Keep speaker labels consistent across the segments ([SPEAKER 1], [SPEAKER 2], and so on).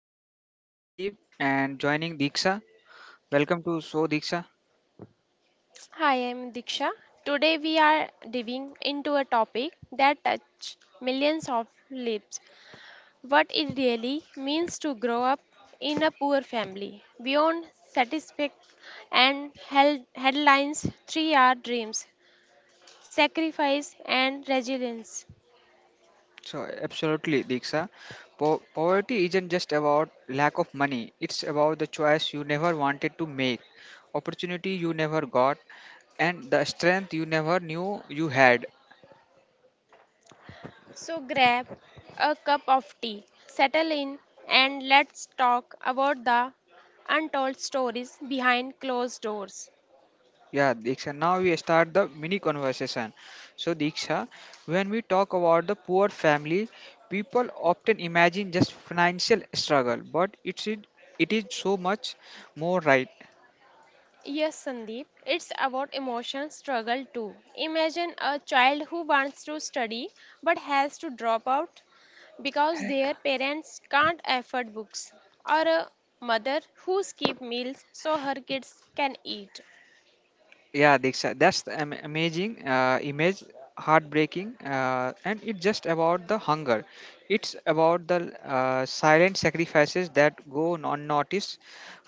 [SPEAKER 1] hopes. I am Sandeep and joining Diksha. Welcome to So Diksha.
[SPEAKER 2] Hi, I'm Diksha. Today we are diving into a topic that touches millions of lives. What it really means to grow up in a poor family. Beyond satisfaction and held headlines, three are dreams, sacrifice and resilience.
[SPEAKER 1] So, absolutely, Diksha. Poverty isn't just about lack of money, it's about the choice you never wanted to make, opportunity you never got, and the strength you never knew you had.
[SPEAKER 2] So grab a cup of tea, settle in and let's talk about the untold stories behind closed doors.
[SPEAKER 1] Yeah, Diksha. Now we start the mini conversation. So, Diksha, when we talk about the poor family, people often imagine just financial struggle, but it is so much more, right?
[SPEAKER 2] Yes, Sandeep, it's about emotional struggle too. Imagine a child who wants to study but has to drop out because their parents can't afford books, or a mother who skips meals so her kids can eat.
[SPEAKER 1] Yeah, Diksha, that's the amazing image, heartbreaking, and it's just about the hunger, it's about the silent sacrifices that go unnoticed.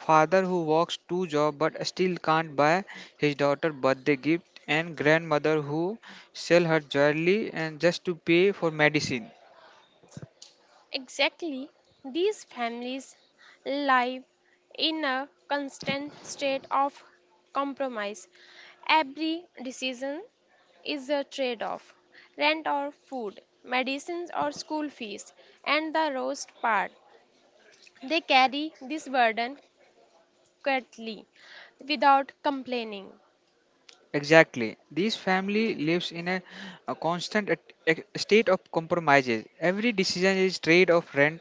[SPEAKER 1] Father who works two jobs but still can't buy his daughter birthday gift, and grandmother who sell her jewelry and just to pay for medicine.
[SPEAKER 2] Exactly, these families live in a constant state of compromise. Every decision is a trade off rent or food, medicines or school fees, and the roast part. They carry this burden quietly without complaining.
[SPEAKER 1] Exactly. This family lives in a constant state of compromises. Every decision is trade of rent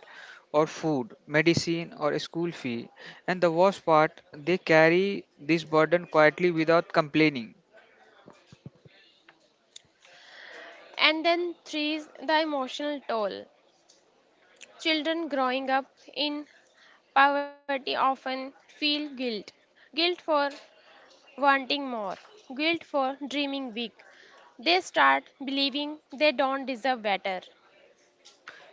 [SPEAKER 1] or food, medicine or a school fee. And the worst part, they carry this burden quietly without complaining.
[SPEAKER 2] And then, three is the emotional toll. Children growing up in poverty often feel guilt guilt for wanting more, guilt for dreaming big. They start believing they don't deserve better.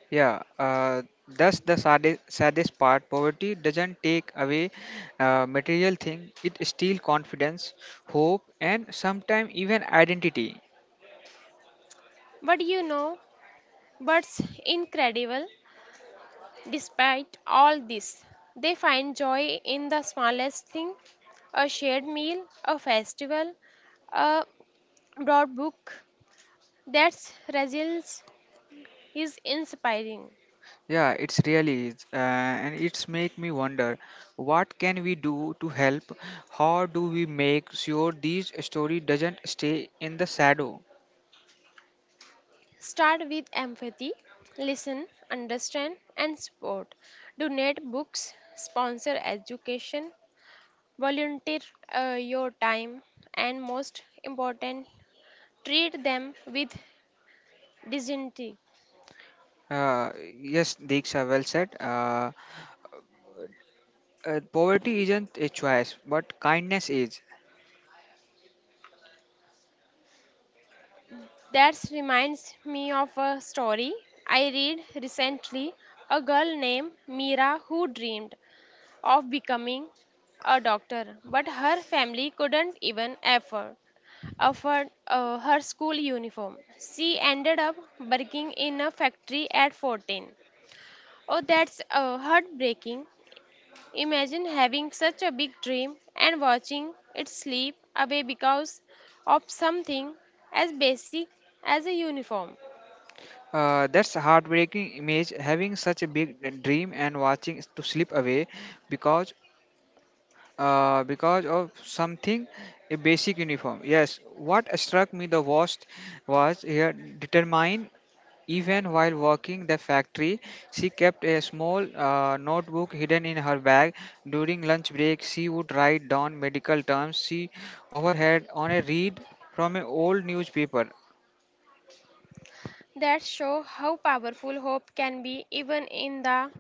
[SPEAKER 1] Yeah, that's the saddest part. Poverty doesn't take away material thing; it steals confidence, hope, and sometimes even identity.
[SPEAKER 2] But you know what's incredible? Despite all this, they find joy in the smallest thing a shared meal, a festival, a broad book. That's resilience is inspiring.
[SPEAKER 1] Yeah, it's really is, and it's make me wonder, what can we do to help? How do we make sure these story doesn't stay in the shadow?
[SPEAKER 2] Start with empathy, listen, understand, and support. Donate books, sponsor education, volunteer, your time and most important, treat them with dignity.
[SPEAKER 1] Uh, yes, Diksha, well said. Poverty isn't a choice, but kindness is.
[SPEAKER 2] That reminds me of a story I read recently. A girl named Mira who dreamed of becoming a doctor, but her family couldn't even afford her school uniform. She ended up working in a factory at 14. Oh, that's heartbreaking. Imagine having such a big dream and watching it slip away because of something as basic as a uniform.
[SPEAKER 1] That's a heartbreaking image. Having such a big dream and watching to slip away because because of something a basic uniform. Yes, what struck me the worst was here determine. Even while working the factory, she kept a small notebook hidden in her bag. During lunch break, she would write down medical terms she overheard on a read from an old newspaper.
[SPEAKER 2] That show how powerful hope can be even in the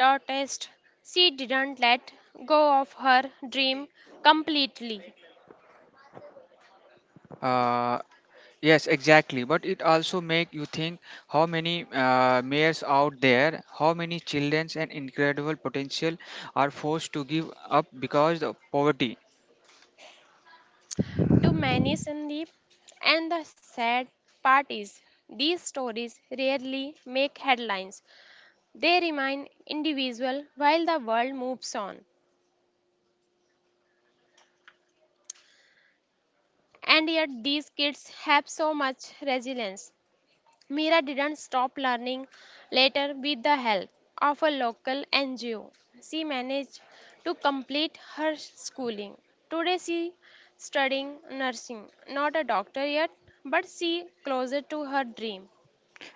[SPEAKER 2] darkest. She didn't let go of her dream completely.
[SPEAKER 1] Uh, yes, exactly. But it also make you think, how many mayors out there, how many children and incredible potential are forced to give up because of poverty.
[SPEAKER 2] To many Sandeep and the sad part is these stories rarely make headlines. They remain individual while the world moves on. And yet, these kids have so much resilience. Mira didn't stop learning later with the help of a local NGO. She managed to complete her schooling. Today, she studying nursing, not a doctor yet, but she closer to her dream.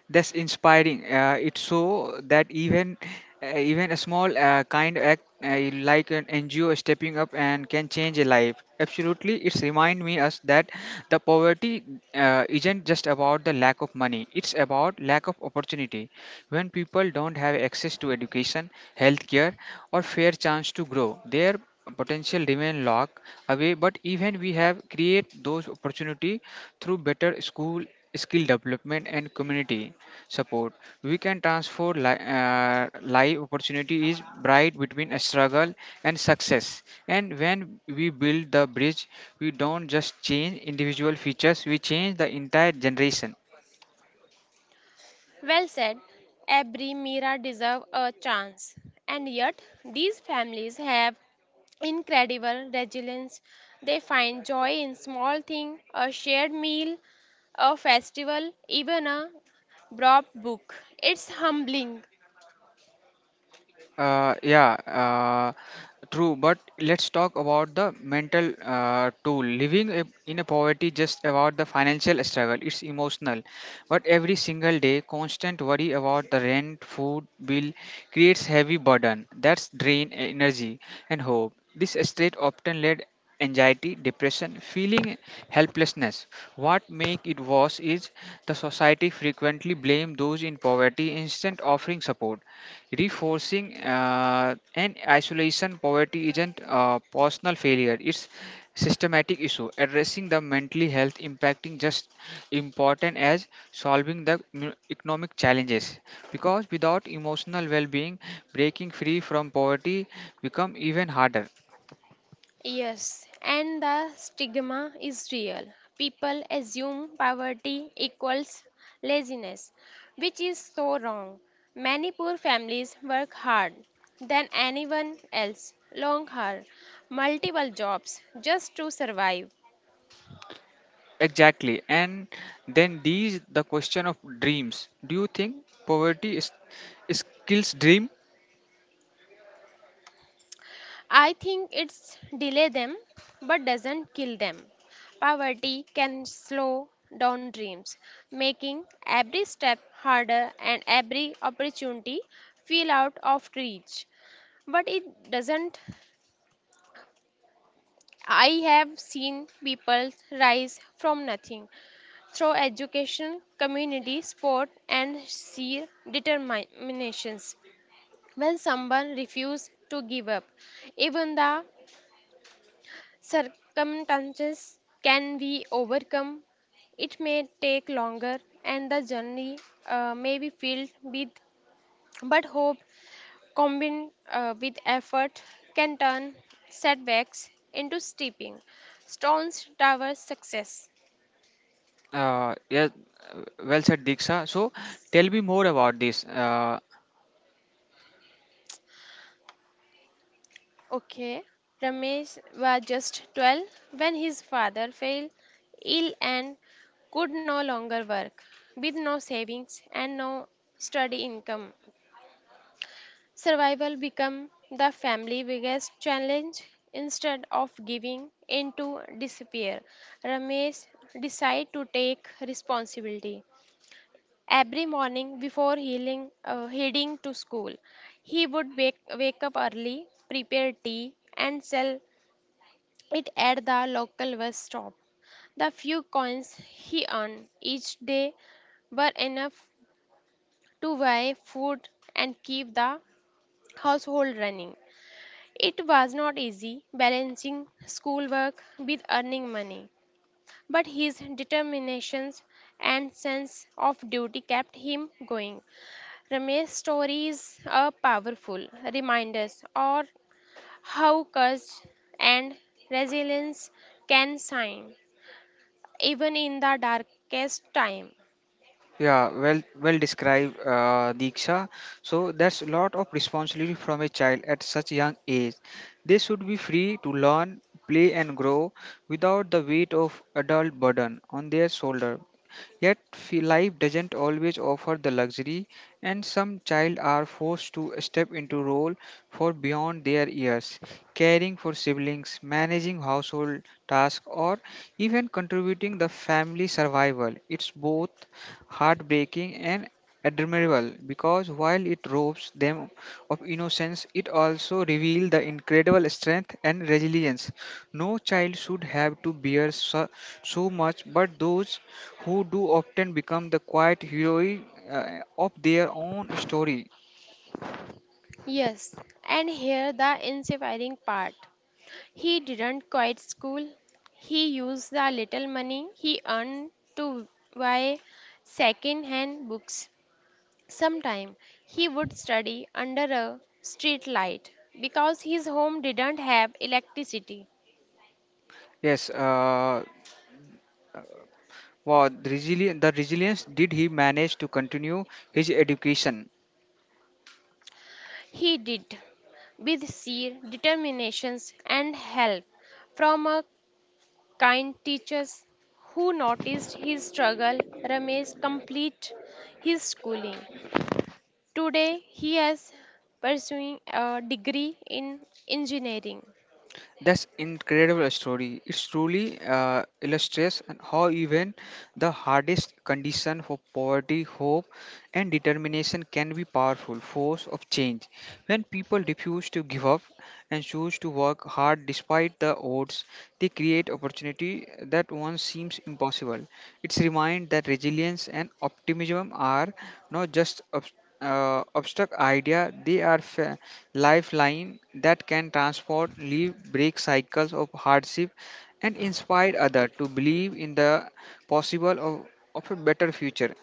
[SPEAKER 1] That's inspiring. It so that even even a small kind act like an NGO stepping up and can change a life. Absolutely, it's remind me us that the poverty isn't just about the lack of money. It's about lack of opportunity. When people don't have access to education, healthcare, or fair chance to grow, their potential remain locked away. But even we have create those opportunity through better school, skill development, and community support. We can transform life opportunity is bright between a struggle and success. And when we build the bridge, we don't just change individual features, we change the entire generation.
[SPEAKER 2] Well said. Every Mira deserve a chance. And yet, these families have incredible resilience. They find joy in small things, a shared meal, a festival, even a dropped book. It's humbling.
[SPEAKER 1] Uh, yeah, uh, True. But let's talk about the mental toll. Living in a poverty just about the financial struggle. It's emotional, but every single day, constant worry about the rent, food bill creates heavy burden. That's drain energy and hope. This state often led anxiety, depression, feeling helplessness. What make it worse is the society frequently blame those in poverty instead offering support. Reinforcing and isolation, poverty isn't a personal failure, it's systematic issue. Addressing the mentally health impacting just important as solving the economic challenges. Because without emotional well-being, breaking free from poverty become even harder.
[SPEAKER 2] Yes, and the stigma is real. People assume poverty equals laziness, which is so wrong. Many poor families work hard than anyone else, long hard, multiple jobs just to survive.
[SPEAKER 1] Exactly. And then these the question of dreams. Do you think poverty is, is kills dream?
[SPEAKER 2] I think it's delay them but doesn't kill them. Poverty can slow down dreams, making every step harder and every opportunity feel out of reach. But it doesn't. I have seen people rise from nothing through education, community, sport, and sheer determinations. When someone refuses to give up, even the circumstances can be overcome. It may take longer and the journey may be filled with, but hope combined with effort can turn setbacks into stepping stones towards success.
[SPEAKER 1] Uh, yeah, well said, Diksha. So, tell me more about this.
[SPEAKER 2] Okay, Ramesh was just 12 when his father fell ill and could no longer work with no savings and no steady income. Survival become the family biggest challenge instead of giving into despair. Ramesh decide to take responsibility. Every morning before heading to school, he would wake up early, prepare tea, and sell it at the local bus stop. The few coins he earned each day were enough to buy food and keep the household running. It was not easy balancing schoolwork with earning money, but his determination and sense of duty kept him going. Ramesh's stories are powerful reminders of how courage and resilience can shine, even in the darkest time.
[SPEAKER 1] Yeah, well, well described, Diksha. So that's a lot of responsibility from a child at such young age. They should be free to learn, play, and grow without the weight of adult burden on their shoulder. Yet, life doesn't always offer the luxury, and some child are forced to step into role for beyond their years, caring for siblings, managing household tasks, or even contributing the family survival. It's both heartbreaking and admirable, because while it robs them of innocence, it also reveals the incredible strength and resilience. No child should have to bear so much, but those who do often become the quiet heroine of their own story.
[SPEAKER 2] Yes, and here the inspiring part. He didn't quit school. He used the little money he earned to buy second hand books. Sometimes he would study under a street light because his home didn't have electricity.
[SPEAKER 1] Yes, uh, wow, the resilience, did he manage to continue his education?
[SPEAKER 2] He did with sheer determination and help from a kind teachers who noticed his struggle Ramesh complete his schooling. Today, he is pursuing a degree in engineering.
[SPEAKER 1] That's incredible story. It truly illustrates and how even the hardest condition for poverty, hope, and determination can be powerful force of change. When people refuse to give up and choose to work hard despite the odds, they create opportunity that once seems impossible. It's remind that resilience and optimism are not just abstract idea; they are lifeline that can transform, leave, break cycles of hardship, and inspire others to believe in the possible of, of a better future.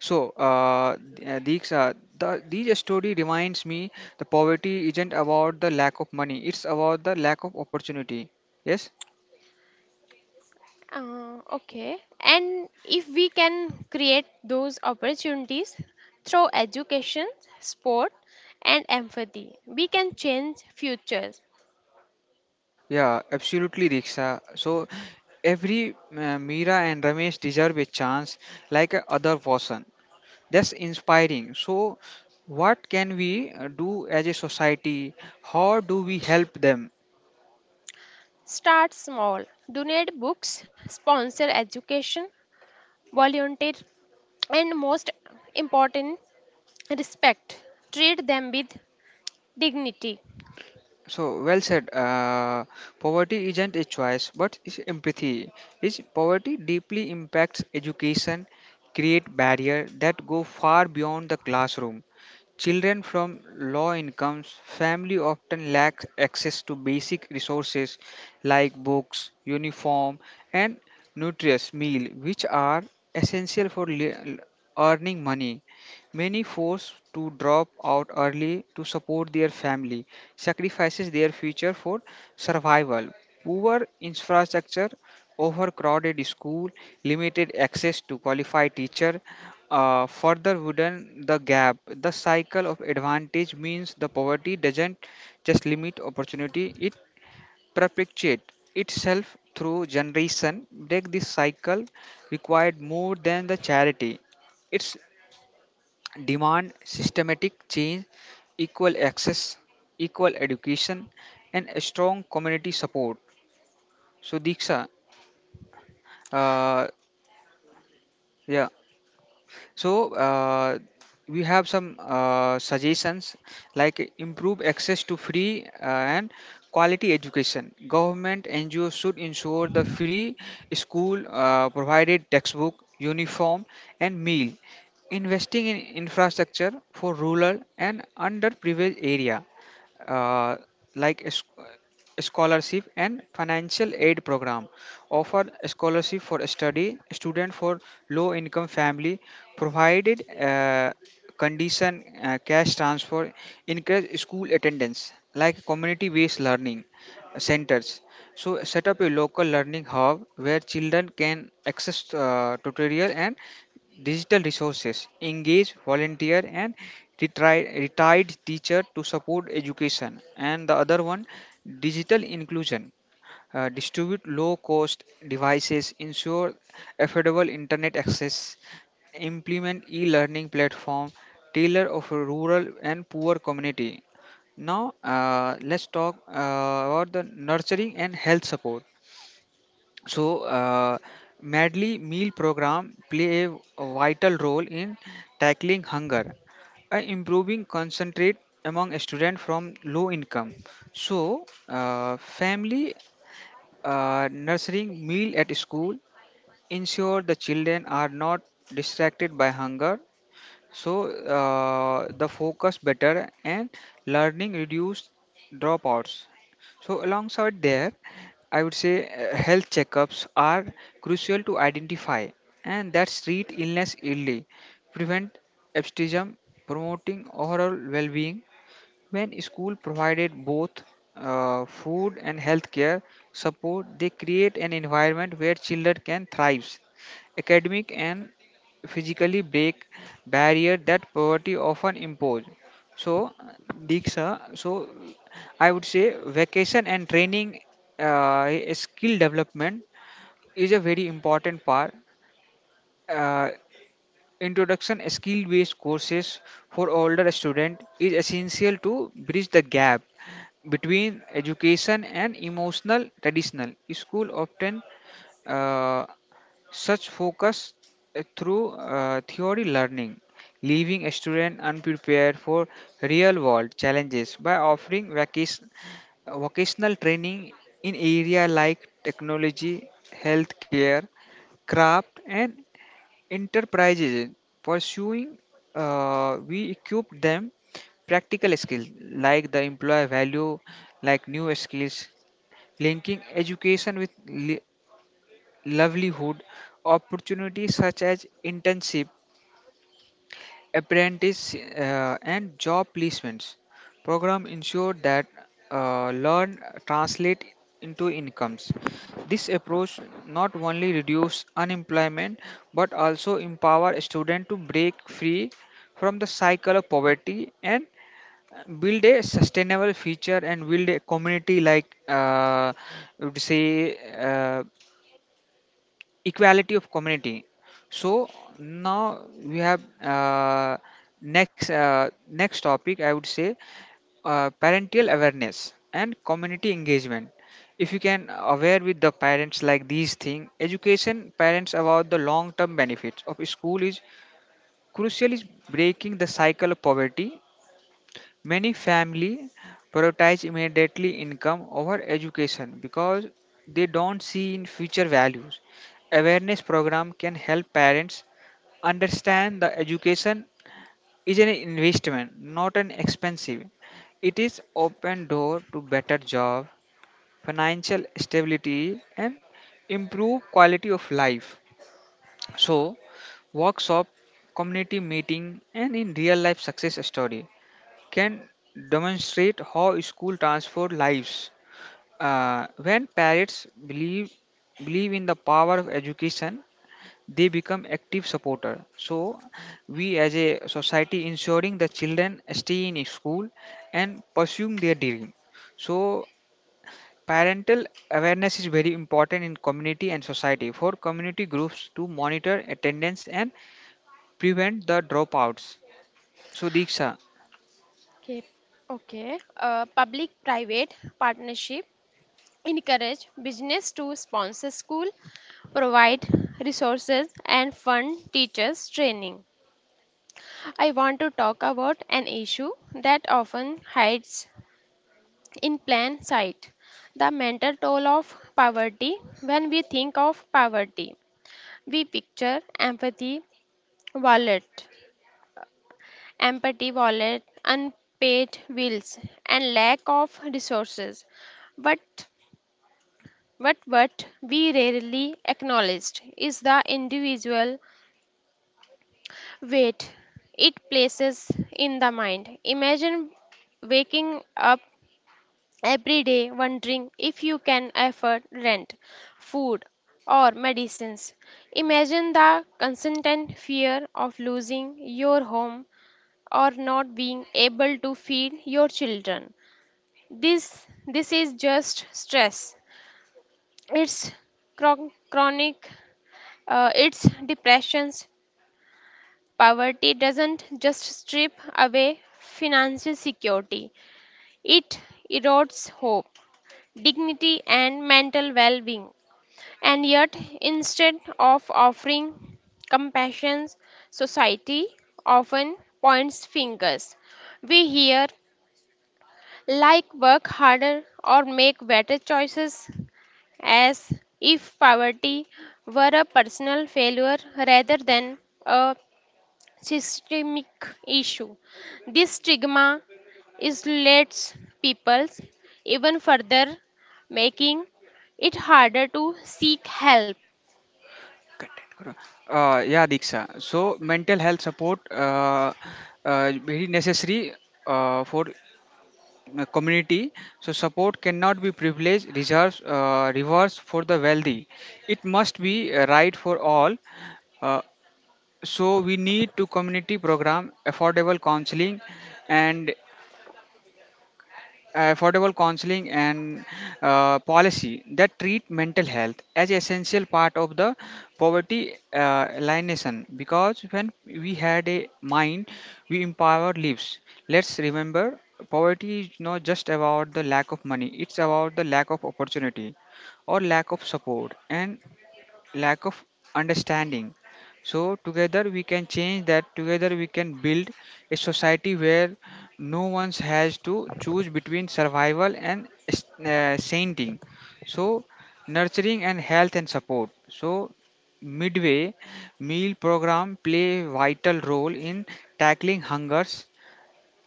[SPEAKER 1] So, these story reminds me the poverty isn't about the lack of money; it's about the lack of opportunity. Yes.
[SPEAKER 2] Okay. And if we can create those opportunities through education, sport, and empathy, we can change futures.
[SPEAKER 1] Yeah, absolutely, Diksha. So every Meera and Ramesh deserve a chance like a other person. That's inspiring. So, what can we do as a society? How do we help them?
[SPEAKER 2] Start small. Donate books, sponsor education, volunteer, and most important, respect. Treat them with dignity.
[SPEAKER 1] So, well said. Poverty isn't a choice, but it's empathy. Is poverty deeply impacts education, create barrier that go far beyond the classroom. Children from low incomes family often lack access to basic resources like books, uniform, and nutritious meal, which are essential for earning money. Many forced to drop out early to support their family, sacrifices their future for survival. Poor infrastructure, overcrowded school, limited access to qualified teacher, further widen the gap. The cycle of advantage means the poverty doesn't just limit opportunity, it perpetuates itself through generation. Break this cycle required more than the charity. It's demand systematic change, equal access, equal education, and a strong community support. So Diksha, uh, yeah, so uh, we have some suggestions like improve access to free and quality education, government ngos should ensure the free school, provided textbook, uniform, and meal, investing in infrastructure for rural and underprivileged area, uh, like a scholarship and financial aid program, offer scholarship for study student for low income family, provided condition cash transfer, encourage school attendance like community based learning centers. So set up a local learning hub where children can access tutorial and digital resources, engage volunteer and retired teacher to support education, and the other one, digital inclusion. Distribute low cost devices, ensure affordable internet access, implement e learning platform, tailor of a rural and poor community. Now, let's talk about the nurturing and health support. So, Madly meal program play a vital role in tackling hunger and improving concentrate among students from low income. So, family, nurturing meal at school ensure the children are not distracted by hunger, so the focus better and learning reduce dropouts. So alongside there I would say health checkups are crucial to identify and that's treat illness early, prevent absenteeism, promoting overall well-being. When school provided both food and healthcare support, they create an environment where children can thrive. Academic and physically break barrier that poverty often impose. So, Diksha, so I would say vacation and training, skill development is a very important part. Uh, Introduction skill based courses for older students is essential to bridge the gap between education and emotional traditional school often uh, such focus through theory learning, leaving a student unprepared for real world challenges, by offering vacation, vocational training in area like technology, healthcare, craft, and enterprises pursuing, we equip them practical skills like the employer value like new skills, linking education with livelihood opportunities such as internship, apprentice, and job placements program ensure that learn translate into incomes. This approach not only reduce unemployment but also empower students to break free from the cycle of poverty and build a sustainable future, and build a community like I would say equality of community. So now we have next topic, I would say, parental awareness and community engagement. If you can aware with the parents like these thing, education parents about the long term benefits of school is crucial, is breaking the cycle of poverty. Many family prioritize immediately income over education because they don't see in future values. Awareness program can help parents understand the education is an investment, not an expensive. It is open door to better job, financial stability, and improve quality of life. So, workshop, community meeting, and in real life success story can demonstrate how school transforms lives. When parents believe in the power of education, they become active supporter. So we as a society ensuring the children stay in school and pursue their dream. So parental awareness is very important in community and society for community groups to monitor attendance and prevent the dropouts. So Diksha,
[SPEAKER 2] Okay, okay. Public-private partnership encourage business to sponsor school, provide resources, and fund teachers training. I want to talk about an issue that often hides in plain sight: the mental toll of poverty. When we think of poverty, we picture empathy, wallet. Empty wallet, unpaid bills, and lack of resources. But what we rarely acknowledged is the individual weight it places in the mind. Imagine waking up every day wondering if you can afford rent, food, or medicines. Imagine the constant fear of losing your home or not being able to feed your children. This is just stress, it's chronic, it's depressions. Poverty doesn't just strip away financial security, it erodes hope, dignity and mental well-being. And yet instead of offering compassion, society often points fingers. We hear like work harder or make better choices, as if poverty were a personal failure rather than a systemic issue. This stigma isolates people even further, making it harder to seek help.
[SPEAKER 1] content, correct. Yeah, Diksha. So, mental health support very necessary for community. So, support cannot be privilege, reserves, reverse for the wealthy. It must be right for all. Uh, so, we need to community program and affordable counseling and policy that treat mental health as essential part of the poverty elimination, because when we had a mind we empower lives. Let's remember, poverty is not just about the lack of money, it's about the lack of opportunity, or lack of support and lack of understanding. So, together we can change that. Together we can build a society where no one has to choose between survival and sainting. So, nurturing and health and support. So, midway meal program play vital role in tackling hungers,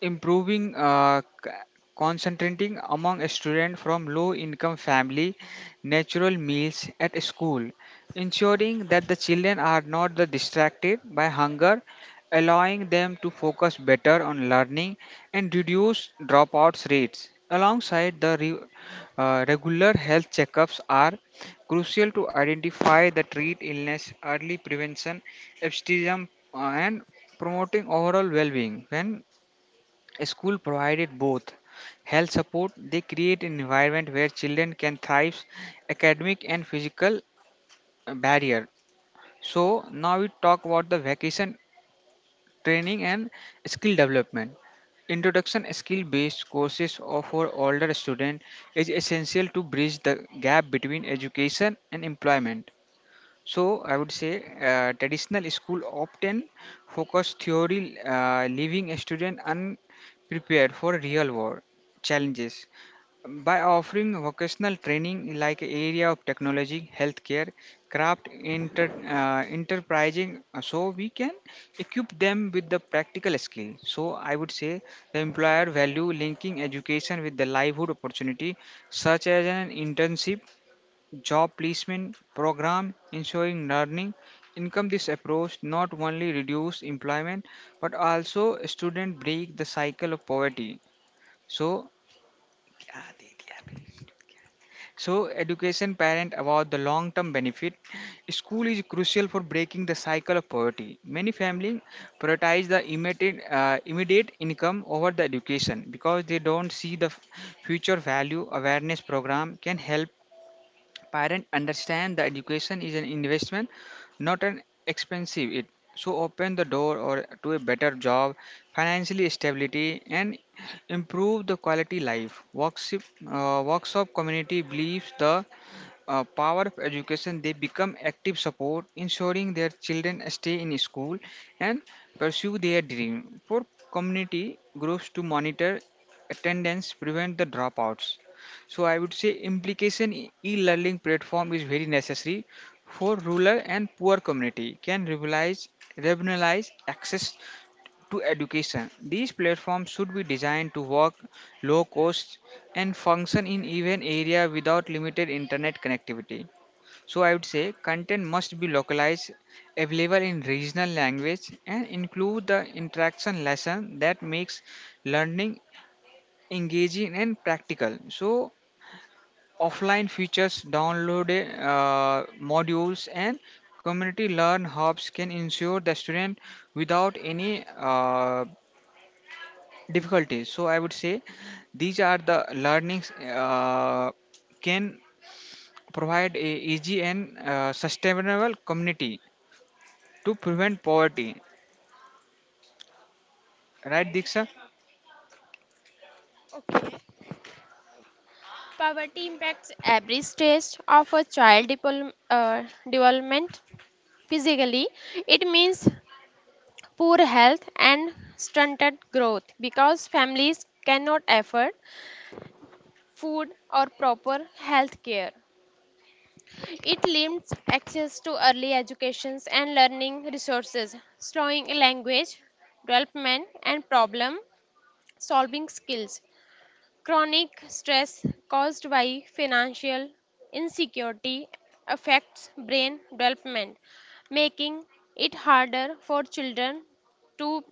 [SPEAKER 1] improving concentrating among a student from low income family. Natural meals at school ensuring that the children are not the distracted by hunger, allowing them to focus better on learning and reduce dropouts rates. Alongside, regular health checkups are crucial to identify the treat illness early prevention abstinence, and promoting overall well-being. When school provided both health support, they create an environment where children can thrive, academic and physical barrier. So now we talk about the vacation training and skill development. Introduction skill-based courses for older student is essential to bridge the gap between education and employment. So I would say traditional school often focus theory, leaving a student unprepared for real world challenges. By offering vocational training like area of technology, healthcare, craft, enterprising, so we can equip them with the practical skill. So I would say the employer value linking education with the livelihood opportunity, such as an internship, job placement program ensuring learning income. This approach not only reduce employment, but also student break the cycle of poverty. So, so education parent about the long term benefit. School is crucial for breaking the cycle of poverty. Many families prioritize immediate income over the education because they don't see future value. Awareness program can help parents understand that education is an investment, not an expensive it. So open the door or to a better job, financially stability, and improve the quality life. Workshop community believes the power of education, they become active support, ensuring their children stay in school and pursue their dream. For community groups to monitor attendance, prevent the dropouts. So I would say implication e-learning platform is very necessary for rural and poor community, can revitalize, regionalize access to education. These platforms should be designed to work low cost and function in even area without limited internet connectivity. So I would say content must be localized, available in regional language and include the interaction lesson that makes learning engaging and practical. So offline features, download modules and community learn hubs can ensure the student without any difficulties. So I would say these are the learnings uh, can provide a easy and sustainable community to prevent poverty, right, Diksha?
[SPEAKER 2] Poverty impacts every stage of a child development. Physically, it means poor health and stunted growth because families cannot afford food, or proper health care. It limits access to early educations and learning resources, slowing language development and problem solving skills. Chronic stress caused by financial insecurity affects brain development, making it harder for children to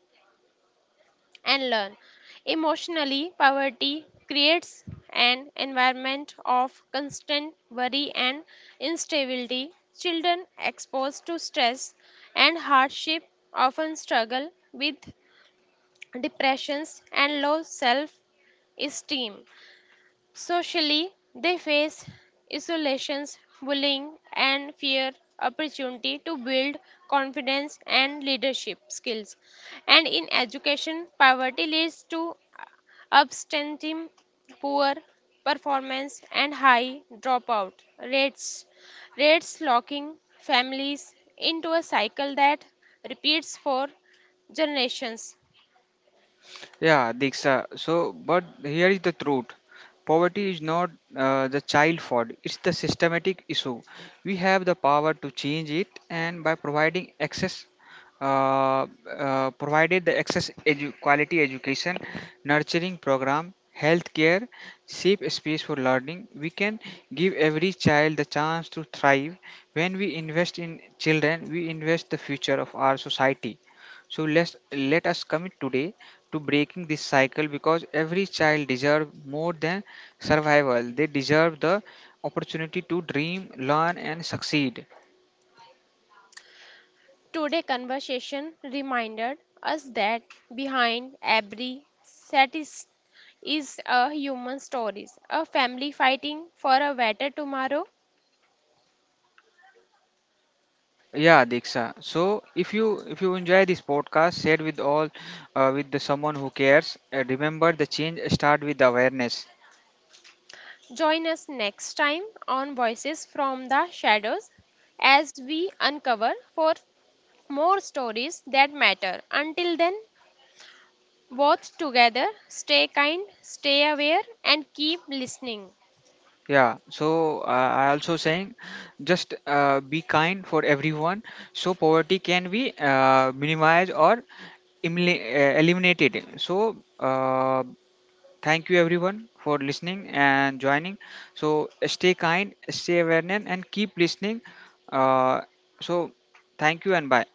[SPEAKER 2] and learn. Emotionally, poverty creates an environment of constant worry and instability. Children exposed to stress and hardship often struggle with depressions and low self esteem. Socially, they face isolations, bullying, and fear opportunity to build confidence and leadership skills. And in education, poverty leads to absenteeism, poor performance, and high dropout rates, rates locking families into a cycle that repeats for generations.
[SPEAKER 1] Yeah, Diksha. So, but here is the truth. Poverty is not the child fault, it's the systematic issue. We have the power to change it, and by providing access, uh, provided the access quality education, nurturing program, healthcare, safe space for learning, we can give every child the chance to thrive. When we invest in children, we invest the future of our society. So let us commit today to breaking this cycle because every child deserves more than survival. They deserve the opportunity to dream, learn and succeed.
[SPEAKER 2] Today conversation reminded us that behind every status is a human stories, a family fighting for a better tomorrow.
[SPEAKER 1] Yeah, Diksha. So if you enjoy this podcast, share with all with the someone who cares. Remember the change start with awareness.
[SPEAKER 2] Join us next time on Voices from the Shadows as we uncover for more stories that matter. Until then, both together, stay kind, stay aware and keep listening.
[SPEAKER 1] Yeah, so I also saying just be kind for everyone so poverty can be minimized or eliminated. So thank you everyone for listening and joining. So stay kind, stay awareness and keep listening. Uh, so thank you and bye.